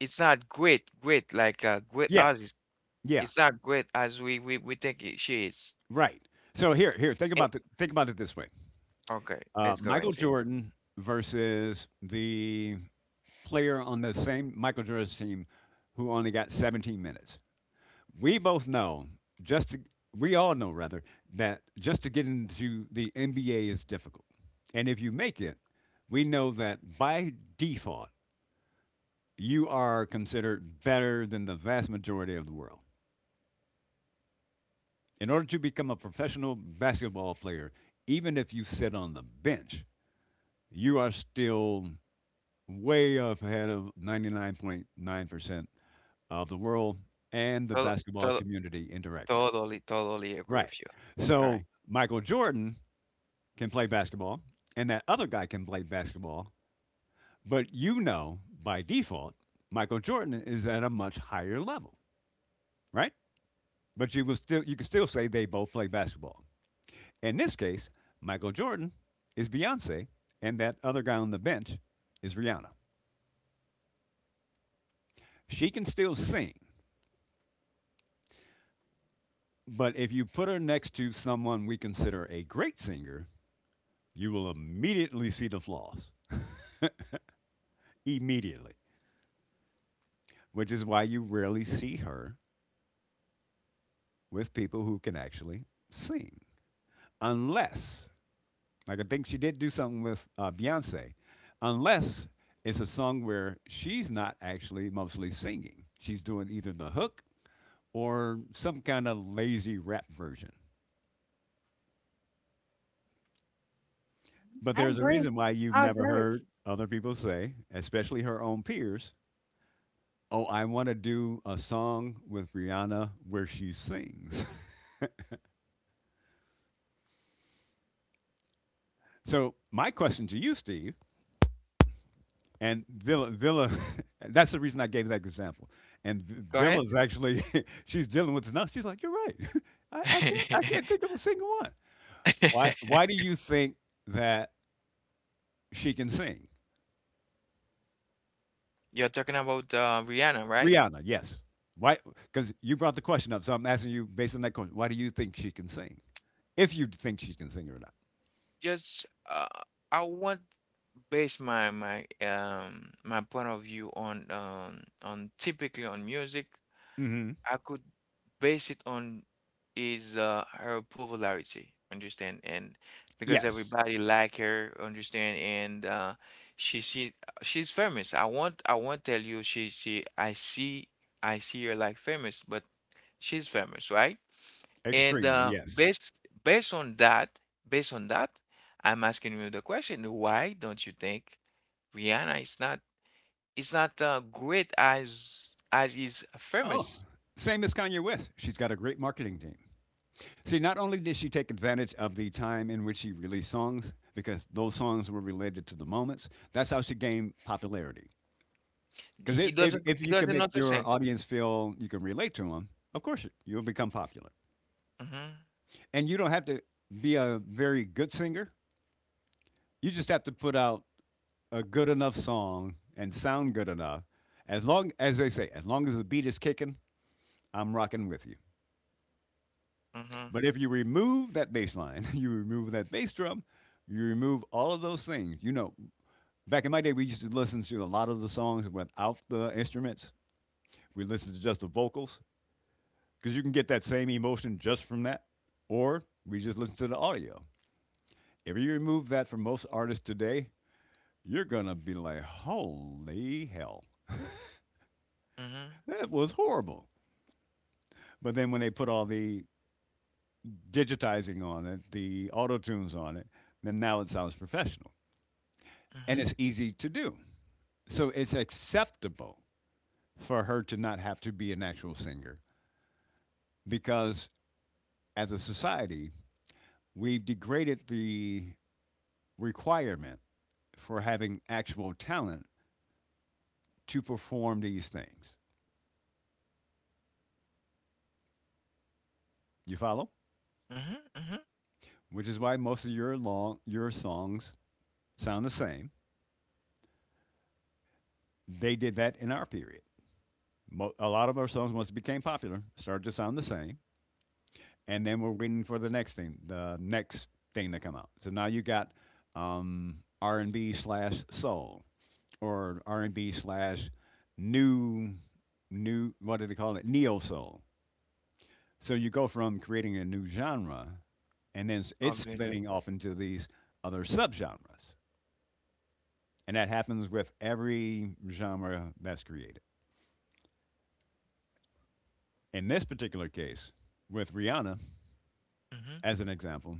A: it's not great, great like great
B: Yeah.
A: as is,
B: Yeah.
A: it's not great as we think it, she is.
B: Right. So here. Think
A: Eh,
B: about the. Think about it this way.
A: okay, let's go and
B: Michael
A: see.
B: Jordan versus the player on the same Michael Jordan's team who only got 17 minutes. We both know just to, we all know rather that just to get into the NBA is difficult. And if you make it, we know that by default you are considered better than the vast majority of the world. In order to become a professional basketball player, even if you sit on the bench, you are still way up ahead of 99.9% of the world and the
A: Tol-
B: basketball
A: tol-
B: community indirectly.
A: totally agree
B: Right.
A: with you. All right,
B: So Michael Jordan can play basketball, and that other guy can play basketball, but you know by default, Michael Jordan is at a much higher level, right? But you can still say they both play basketball. In this case, Michael Jordan is Beyonce, and that other guy on the bench is Rihanna. She can still sing, but if you put her next to someone we consider a great singer, you will immediately see the flaws. Immediately. Which is why you rarely see her with people who can actually sing. Unless, like I think she did do something with Beyonce, unless it's a song where she's not actually mostly singing. She's doing either the hook or some kind of lazy rap version. But
C: I
B: there's a
C: agree.
B: reason why you've
C: I
B: never
C: agree with
B: heard other people say, especially her own peers, oh, I want to do a song with Rihanna where she sings. [LAUGHS] so, my question to you, Steve, and Villa, [LAUGHS] that's the reason I gave that example. And V-
A: go ahead.
B: Villa's actually, [LAUGHS] she's dealing with enough. She's like, you're right. [LAUGHS] I can't think
A: [LAUGHS]
B: of a single one. Why do you think that she can sing?
A: You're talking about Rihanna, right?
B: Rihanna, yes. Why? Because you brought the question up, so I'm asking you based on that question. Why do you think she can sing? If you think she can sing or not.
A: Just I want base my my point of view on typically on music.
B: Hmm.
A: I could base it on is her popularity, understand? And because
B: Yes,
A: everybody like her, understand? And she she's famous. I won't tell you she, I see, I see her like famous, but she's famous, right? And
B: extremely. Yes.
A: based on that, based on that, I'm asking you the question, why don't you think Rihanna is not, is not great as is
B: Oh,
A: famous?
B: same as Kanye West. She's got a great marketing team. See, not only did she take advantage of the time in which she released songs, because those songs were related to the moments. That's how she gained popularity. Because if, if if
A: It
B: you can
A: doesn't
B: make
A: not the
B: your
A: same.
B: audience feel you can relate to them, of course you'll become popular,
A: Mm-hmm.
B: and you don't have to be a very good singer. You just have to put out a good enough song and sound good enough. As long as as long as the beat is kicking, I'm rocking with you.
A: Mm-hmm.
B: But if you remove that bass line, [LAUGHS] you remove that bass drum, you remove all of those things. You know, back in my day, we used to listen to a lot of the songs without the instruments. We listened to just the vocals because you can get that same emotion just from that, or we just listen to the audio. If you remove that for most artists today, you're gonna be like, holy hell.
A: Mm-hmm.
B: That was horrible. But then when they put all the digitizing on it, the auto tunes on it, then now it sounds professional and
A: Mm-hmm.
B: it's easy to do. So it's acceptable for her to not have to be an actual singer because as a society, we've degraded the requirement for having actual talent to perform these things. You follow?
A: Mm-hmm. Mm-hmm.
B: Which is why most of your long your songs sound the same. They did that in our period. A lot of our songs once it became popular started to sound the same, and then we're waiting for the next thing to come out. So now you got R and B slash soul or R and B slash new new what do they call it, neo soul. So you go from creating a new genre, and then it's
A: Obviously.
B: splitting off into these other subgenres, and that happens with every genre that's created. In this particular case, with Rihanna
A: Mm-hmm.
B: as an example,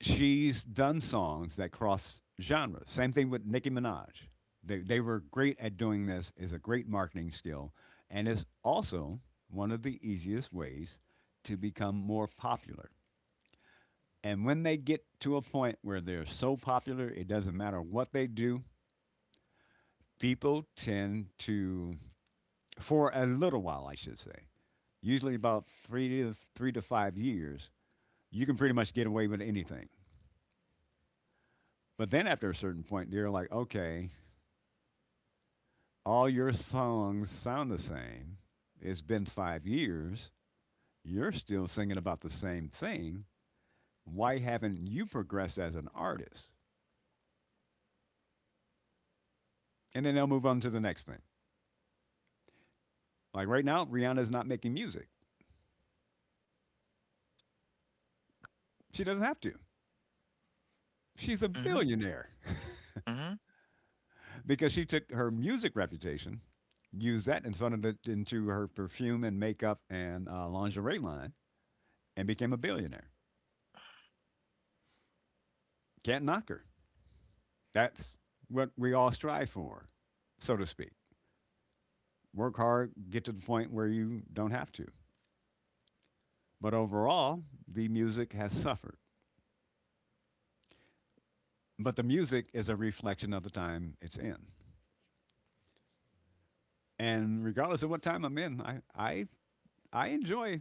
B: she's done songs that cross genres. Same thing with Nicki Minaj. They were great at doing this. Is a great marketing skill, and is also one of the easiest ways to become more popular. And when they get to a point where they're so popular, it doesn't matter what they do. People tend to, for a little while, I should say, usually about three to five years, you can pretty much get away with anything. But then after a certain point, they're like, okay, all your songs sound the same. It's been 5 years. You're still singing about the same thing. Why haven't you progressed as an artist? And then they'll move on to the next thing. Like right now, Rihanna is not making music. She doesn't have to. She's a
A: Mm-hmm.
B: billionaire
A: Mm-hmm.
B: because she took her music reputation, used that and funneled it into her perfume and makeup and lingerie line, and became a billionaire. Can't knock her. That's what we all strive for, so to speak. Work hard, get to the point where you don't have to. But overall, the music has suffered. But the music is a reflection of the time it's in. And regardless of what time I'm in, I enjoy,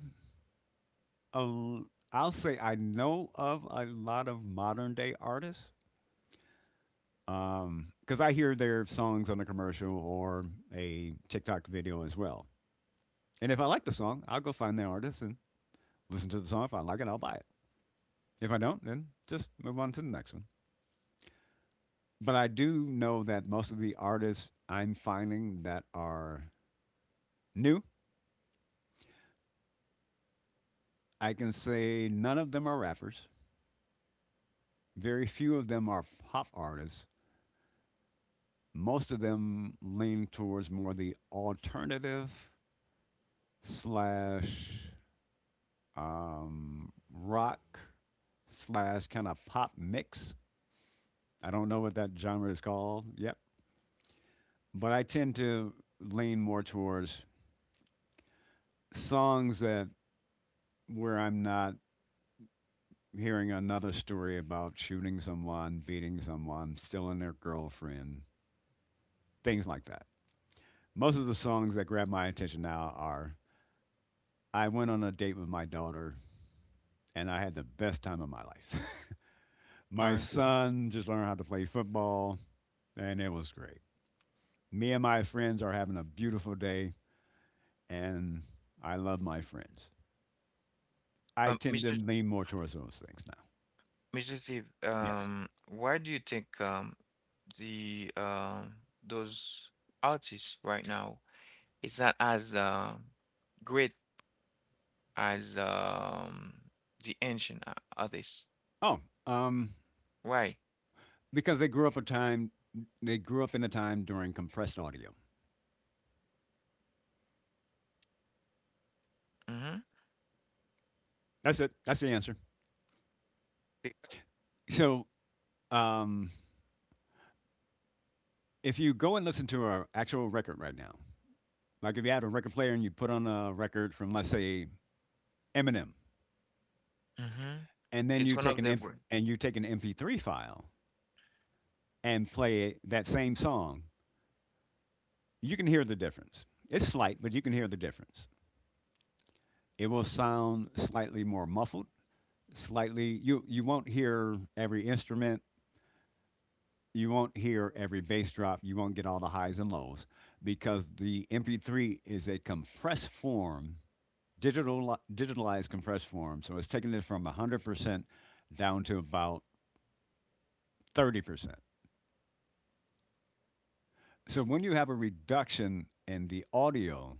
B: a, l- I'll say I know of a lot of modern day artists because I hear their songs on a commercial or a TikTok video as well. And if I like the song, I'll go find the artist and listen to the song. If I like it, I'll buy it. If I don't, then just move on to the next one. But I do know that most of the artists I'm finding that are new, I can say none of them are rappers. Very few of them are pop artists. Most of them lean towards more the alternative slash rock slash kind of pop mix. I don't know what that genre is called. Yep. But I tend to lean more towards songs that where I'm not hearing another story about shooting someone, beating someone, stealing their girlfriend, things like that. Most of the songs that grab my attention now are I went on a date with my daughter and I had the best time of my life. [LAUGHS]
A: All
B: My
A: right.
B: son just learned how to play football and it was great. Me and my friends are having a beautiful day and I love my friends. I
A: Um,
B: tend to
A: Mr.
B: lean more towards those things now.
A: Mr. Steve,
B: Yes.
A: why do you think the those artists right now, it's not as great as the ancient others.
B: Oh, um,
A: Why?
B: because they grew up in a time during compressed audio.
A: Mm-hmm.
B: That's it. That's the answer. So um, if you go and listen to an actual record right now, like if you had a record player and you put on a record from let's say Eminem,
A: Mm-hmm.
B: and then
A: It's
B: you
A: one
B: take
A: of
B: an
A: the
B: M-
A: great.
B: and you take an MP3 file and play that same song, you can hear the difference. It's slight, but you can hear the difference. It will sound slightly more muffled, slightly you won't hear every instrument, you won't hear every bass drop. You won't get all the highs and lows because the MP3 is a compressed form, digitalized compressed form. So it's taking it from 100% down to about 30%. So when you have a reduction in the audio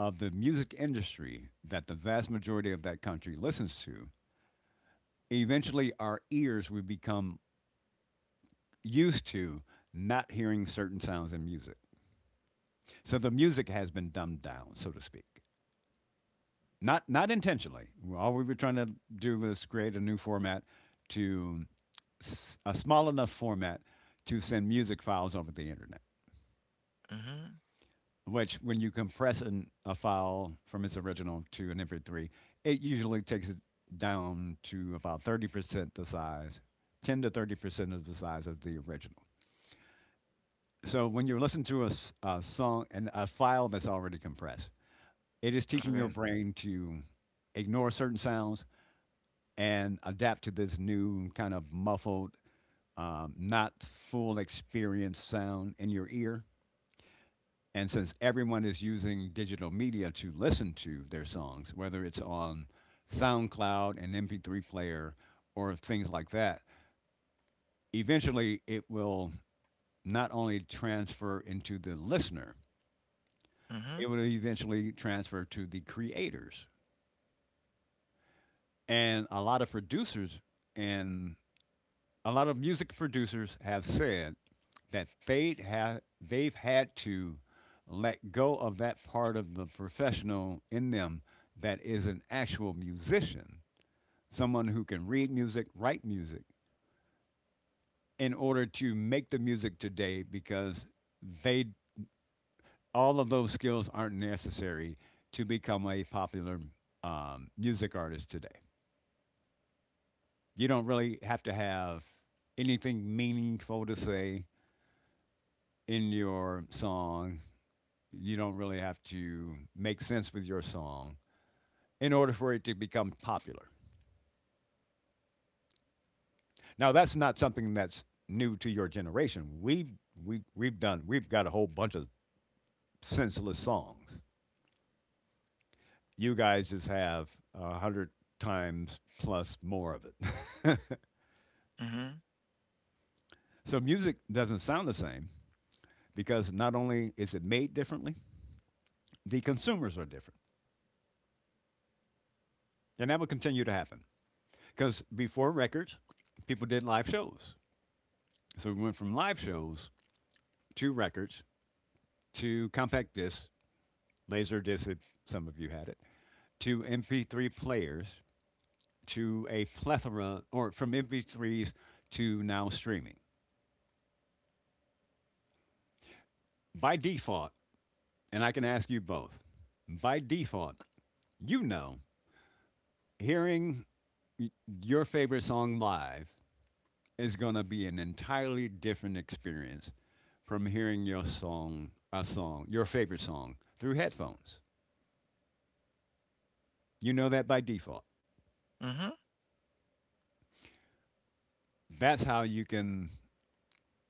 B: of the music industry that the vast majority of that country listens to, eventually our ears will become used to not hearing certain sounds in music. So the music has been dumbed down, so to speak. Not intentionally. All we were trying to do was create a new format to a small enough format to send music files over the internet.
A: Mm-hmm.
B: Which, when you compress a file from its original to an MP3, it usually takes it down to about 30% the size, 10 to 30% of the size of the original. So when you listen to a song and a file that's already compressed, it is teaching your
A: Okay.
B: brain to ignore certain sounds and adapt to this new kind of muffled, not full experience sound in your ear. And since everyone is using digital media to listen to their songs, whether it's on SoundCloud and MP3 player or things like that, eventually it will not only transfer into the listener,
A: Mm-hmm.
B: it will eventually transfer to the creators. And a lot of producers and a lot of music producers have said that they've had to let go of that part of the professional in them that is an actual musician, someone who can read music, write music, in order to make the music today because they all of those skills aren't necessary to become a popular music artist today. You don't really have to have anything meaningful to say in your song, you don't really have to make sense with your song in order for it to become popular. Now that's not something that's new to your generation. We've done we've got a whole bunch of senseless songs. You guys just have a hundred times plus more of it.
A: Mm-hmm.
B: [LAUGHS] So music doesn't sound the same because not only is it made differently, the consumers are different. And that will continue to happen. Because before records, people did live shows. So we went from live shows to records to compact disc, laser disc, some of you had it, to MP3 players, to a plethora, or from MP3s to now streaming. By default, and I can ask you both, by default, you know, hearing your favorite song live is going to be an entirely different experience from hearing a song, your favorite song through headphones. You know that by default.
A: Mm-hmm.
B: That's how you can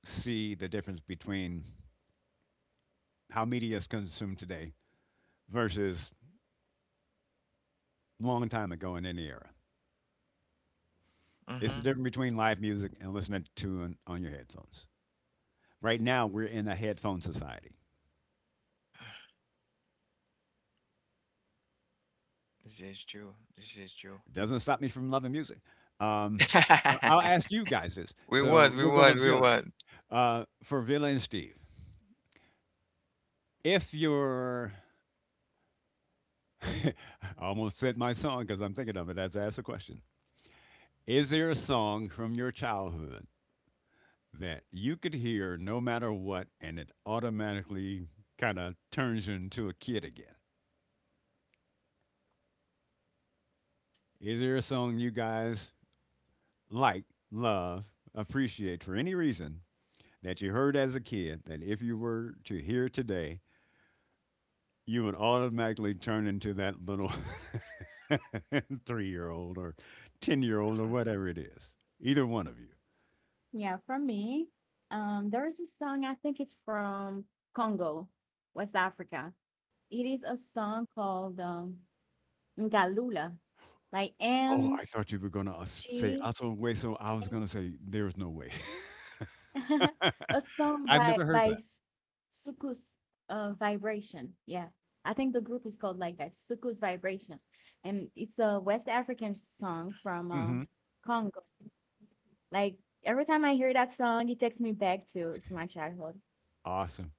B: see the difference between how media is consumed today versus long time ago in any era. It's the
A: Mm-hmm.
B: difference between live music and listening to it on your headphones. Right now, we're in a headphone society.
A: This is true. This is true.
B: It doesn't stop me from loving music. Um, I'll
A: [LAUGHS]
B: ask you guys this.
A: We won.
B: So
A: We
B: we'll go
A: won.
B: with
A: We
B: Villa.
A: won.
B: For Villa and Steve, if you're, [LAUGHS] I almost said my song because I'm thinking of it as I asked the question. Is there a song from your childhood that you could hear no matter what, and it automatically kind of turns you into a kid again? Is there a song you guys like, love, appreciate for any reason that you heard as a kid that if you were to hear today, you would automatically turn into that little [LAUGHS] 3 year old or 10-year-old or whatever it is? Either one of you.
C: you. Yeah, for me, there is a song I think it's from Congo, West Africa. It is a song called Ngalula, like
B: Oh,
C: N
B: I thought you were going to say
C: G.
B: Aso Hueso. I was going to say, there's no way.
C: [LAUGHS] A
B: [LAUGHS]
C: song
B: I've
C: by
B: never heard that.
C: Sukus Vibration. Yeah. I think the group is called like that, Sukus Vibration. And it's a West African song from
B: Hmm.
C: Congo. Like every time I hear that song, it takes me back to my childhood.
B: Awesome.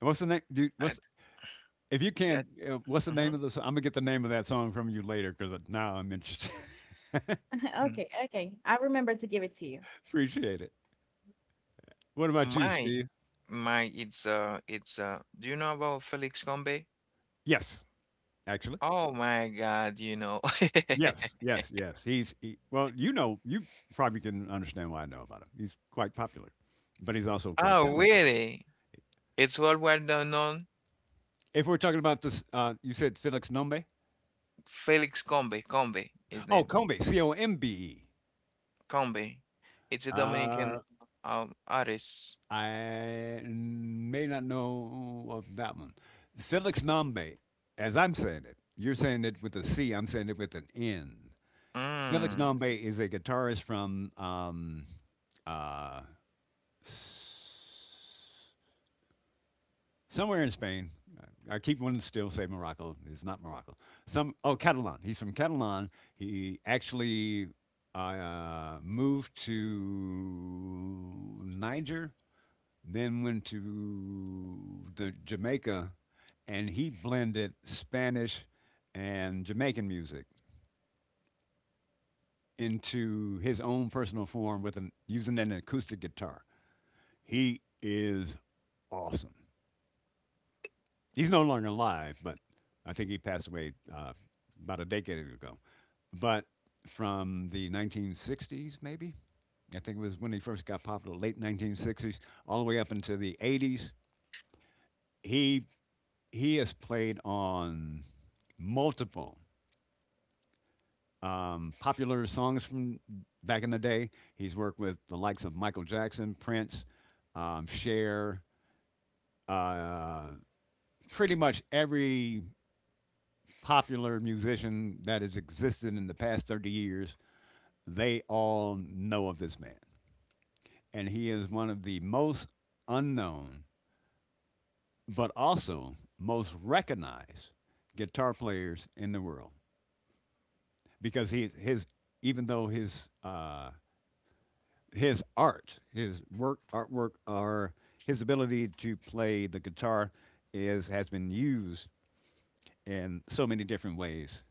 B: What's the name, dude?
A: I,
B: What's if you can?
A: I,
B: What's the name
A: mm-hmm.
B: of the song? I'm gonna get the name of that song from you later because now I'm interested. [LAUGHS]
C: [LAUGHS] Okay, okay. I remember to give it to you.
B: Appreciate it. What about you,
A: My,
B: Steve?
A: my. It's Do you know about Felix Combe?
B: Yes, actually.
A: Oh my God! You know. [LAUGHS]
B: Yes, yes, yes. He, you probably can understand why I know about him. He's quite popular, but he's also quite
A: Oh
B: talented.
A: really? It's worldwide well known.
B: If we're talking about this, you said Felix Nombe.
A: Felix Combe, Combe, his
B: Oh,
A: name,
B: Combe, C O M B E.
A: Combe. It's a Dominican
B: Uh,
A: artist.
B: I may not know of that one. Felix Nambe, as I'm saying it, you're saying it with a C, I'm saying it with an N. Felix
A: Mm.
B: Nambe is a guitarist from uh, s- somewhere in Spain. I keep wanting to still say Morocco. It's not Morocco. Some oh Catalan. He's from Catalan. He actually moved to Niger, then went to the Jamaica, and he blended Spanish and Jamaican music into his own personal form with using an acoustic guitar. He is awesome. He's no longer alive, but I think he passed away about a decade ago. But from the 1960s, maybe I think it was when he first got popular, late 1960s, all the way up into the 80s, he He has played on multiple popular songs from back in the day. He's worked with the likes of Michael Jackson, Prince, Cher, uh, pretty much every popular musician that has existed in the past 30 years. They all know of this man. And he is one of the most unknown, but also most recognized guitar players in the world, because he his even though his his work artwork, or his ability to play the guitar is has been used in so many different ways.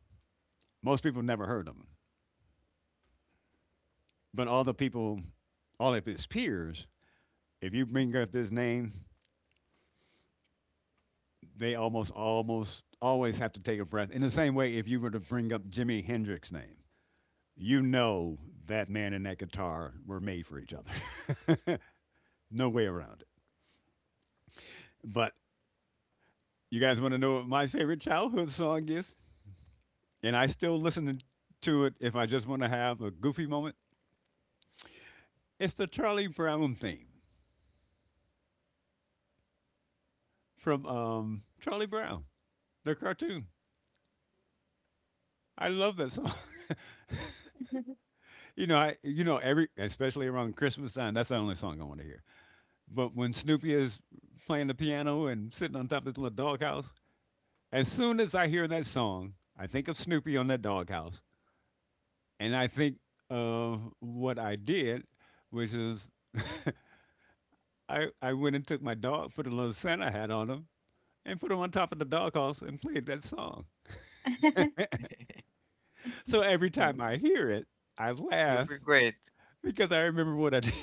B: Most people never heard of him, but all the people, all of his peers, if you bring up his name, they almost always have to take a breath. In the same way, if you were to bring up Jimi Hendrix's name, you know that man and that guitar were made for each other. [LAUGHS] No way around it. But you guys want to know what my favorite childhood song is? And I still listen to it if I just want to have a goofy moment. It's the Charlie Brown theme from Charlie Brown, the cartoon. I love that song.
C: [LAUGHS]
B: [LAUGHS] You know, every, especially around Christmas time, that's the only song I want to hear. But when Snoopy is playing the piano and sitting on top of his little doghouse, as soon as I hear that song, I think of Snoopy on that doghouse, and I think of what I did, which is I went and took my dog, put a little Santa hat on him, and put him on top of the doghouse and played that song.
A: [LAUGHS]
B: So every time I hear it, I
A: You
B: laugh
A: feel great.
B: because I remember what I did. [LAUGHS]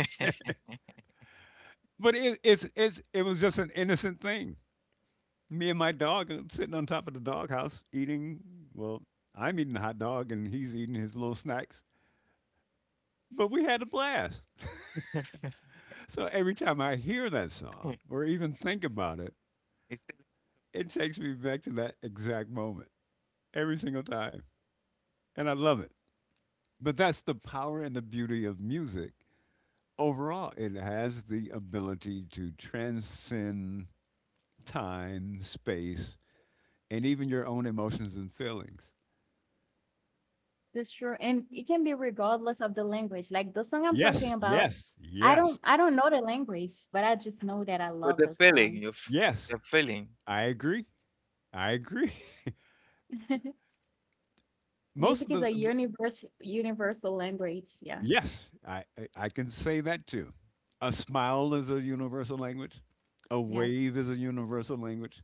A: [LAUGHS]
B: But it was just an innocent thing. Me and my dog sitting on top of the doghouse eating, well, I'm eating a hot dog and he's eating his little snacks. But we had a blast. So every time I hear that song or even think about it,
A: It's
B: it takes me back to that exact moment every single time. And I love it. But that's the power and the beauty of music. Overall, it has the ability to transcend time, space, and even your own emotions and feelings.
C: That's true. And it can be regardless of the language. Like the song I'm talking
B: Yes,
C: about,
B: yes, yes,
C: I don't know the language, but I just know that I
A: but
C: love
A: the
C: the
A: feeling,
C: song.
B: yes.
A: the feeling.
B: I agree. I agree.
C: [LAUGHS]
B: [LAUGHS] Most
C: Music
B: of
C: is a
B: the
C: universal universal language. Yeah.
B: yes, I can say that too. A smile is a universal language. A
C: Yes.
B: wave is a universal language.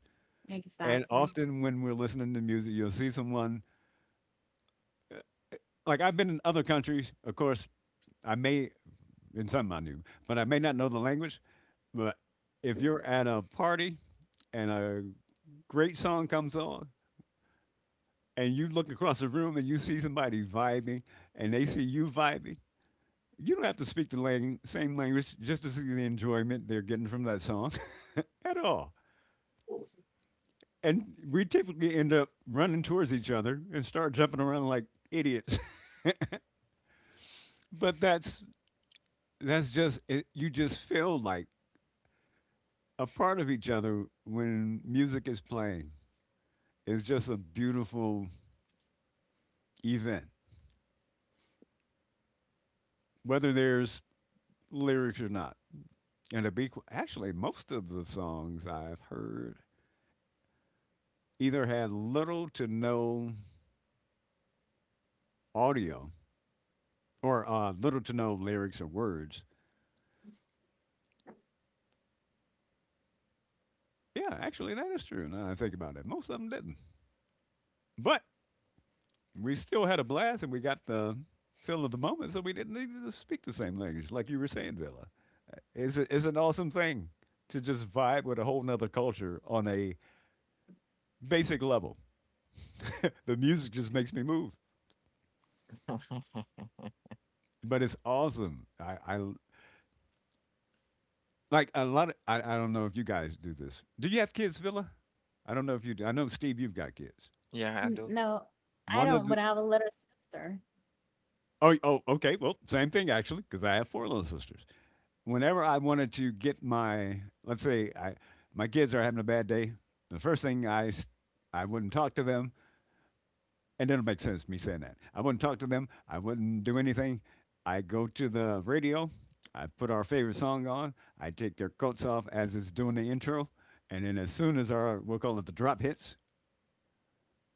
B: And
C: Exactly.
B: often when we're listening to music, you'll see someone uh, like I've been in other countries, of course, I may, and something I knew, but I may not know the language. But if you're at a party and a great song comes on, and you look across the room and you see somebody vibing, and they see you vibing, you don't have to speak the same language just to see the enjoyment they're getting from that song [LAUGHS] at all. And we typically end up running towards each other and start jumping around like idiots. [LAUGHS] But that's just it, you just feel like a part of each other when music is playing. Is just a beautiful event, whether there's lyrics or not. And to be actually, most of the songs I've heard either had little to no audio or little to no lyrics or words. Yeah, actually, that is true. Now that I think about it, most of them didn't. But we still had a blast, and we got the feel of the moment, so we didn't need to speak the same language, like you were saying, Villa. It's an awesome thing to just vibe with a whole nother culture on a basic level. [LAUGHS] The music just makes me move.
A: [LAUGHS]
B: But it's awesome. Like a lot of. I don't know if you guys do this. Do you have kids, Villa? I don't know if you do. I know Steve, you've got kids.
A: Yeah, I do.
C: No, I
B: One of
C: don't,
B: the
C: but I have a little sister.
B: oh oh okay. Well, same thing actually, because I have four little sisters. Whenever I wanted to get my, let's say, I my kids are having a bad day, the first thing I wouldn't talk to them. And it'll make sense me saying that. I wouldn't talk to them. I wouldn't do anything. I go to the radio. I put our favorite song on. I take their coats off as it's doing the intro. And then as soon as our, we'll call it, the drop hits,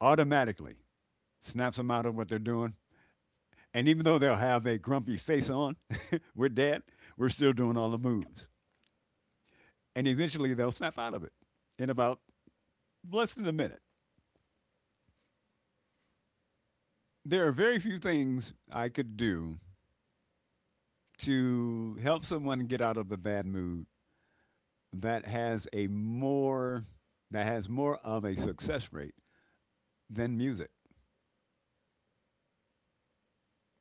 B: automatically snaps them out of what they're doing. And even though they'll have a grumpy face on, [LAUGHS] we're dead, we're still doing all the moves. And eventually they'll snap out of it in about less than a minute. There are very few things I could do to help someone get out of a bad mood that has a more, that has more of a success rate than music.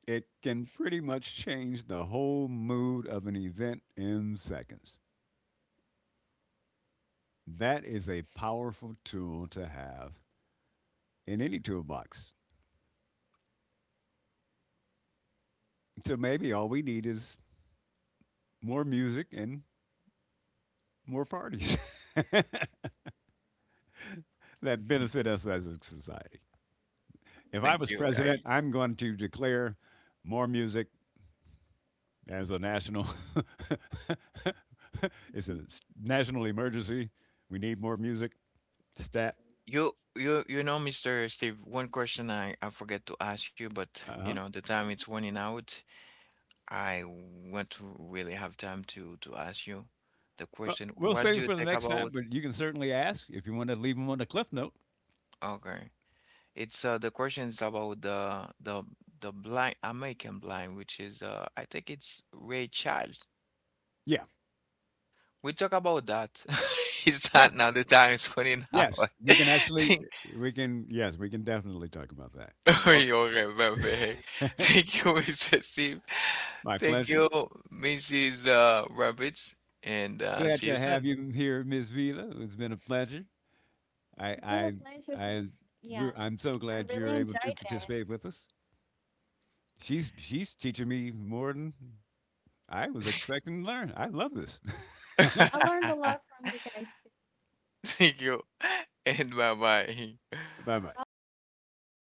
B: It can pretty much change the whole mood of an event in seconds. That is a powerful tool to have in any toolbox. So maybe all we need is more music and more parties [LAUGHS] that
A: Mm.
B: benefit us as a society. If I
A: Thank
B: was
A: you,
B: president,
A: guys.
B: I'm going to declare more music, as a national [LAUGHS] it's a national emergency. We need more music. Stat.
A: You know, Mr. Steve. One question I forget to ask you, but
B: Uh
A: you
B: huh.
A: know, the time it's running out. I won't really have time to ask you the
B: Well,
A: question.
B: we'll
A: What
B: save
A: do
B: it
A: you
B: for the
A: think
B: next time,
A: about?
B: but you can certainly ask if you want to leave them on the cliff note.
A: Okay. It's the question's about the blind American blind, which is I think it's Ray Charles.
B: Yeah.
A: We talk about that. [LAUGHS] It's
B: Yeah.
A: not now, the time is running
B: Yes,
A: out. [LAUGHS]
B: we can actually.
A: Thank
B: We can. Yes, we can definitely talk about that.
A: [LAUGHS]
B: Oh,
A: you, perfect. [LAUGHS] Thank you, Mr. Steve.
B: my
A: Thank
B: pleasure.
A: you, Mrs. Rabbits, and
B: Glad
A: see you
B: to have
A: soon.
B: you here, Ms. Vila. It's been a pleasure. I,
C: It's been a
B: I,
C: pleasure to,
B: I,
C: yeah,
B: we're, I'm so
C: I
B: glad
C: really
B: you're able to
C: enjoyed
B: participate
C: that.
B: with us. She's teaching me more than I was expecting to learn. I love this. [LAUGHS]
C: I
A: [LAUGHS]
C: learned a lot from you guys.
A: Thank you, and bye bye.
B: Bye bye.
C: Bye bye.
A: [LAUGHS]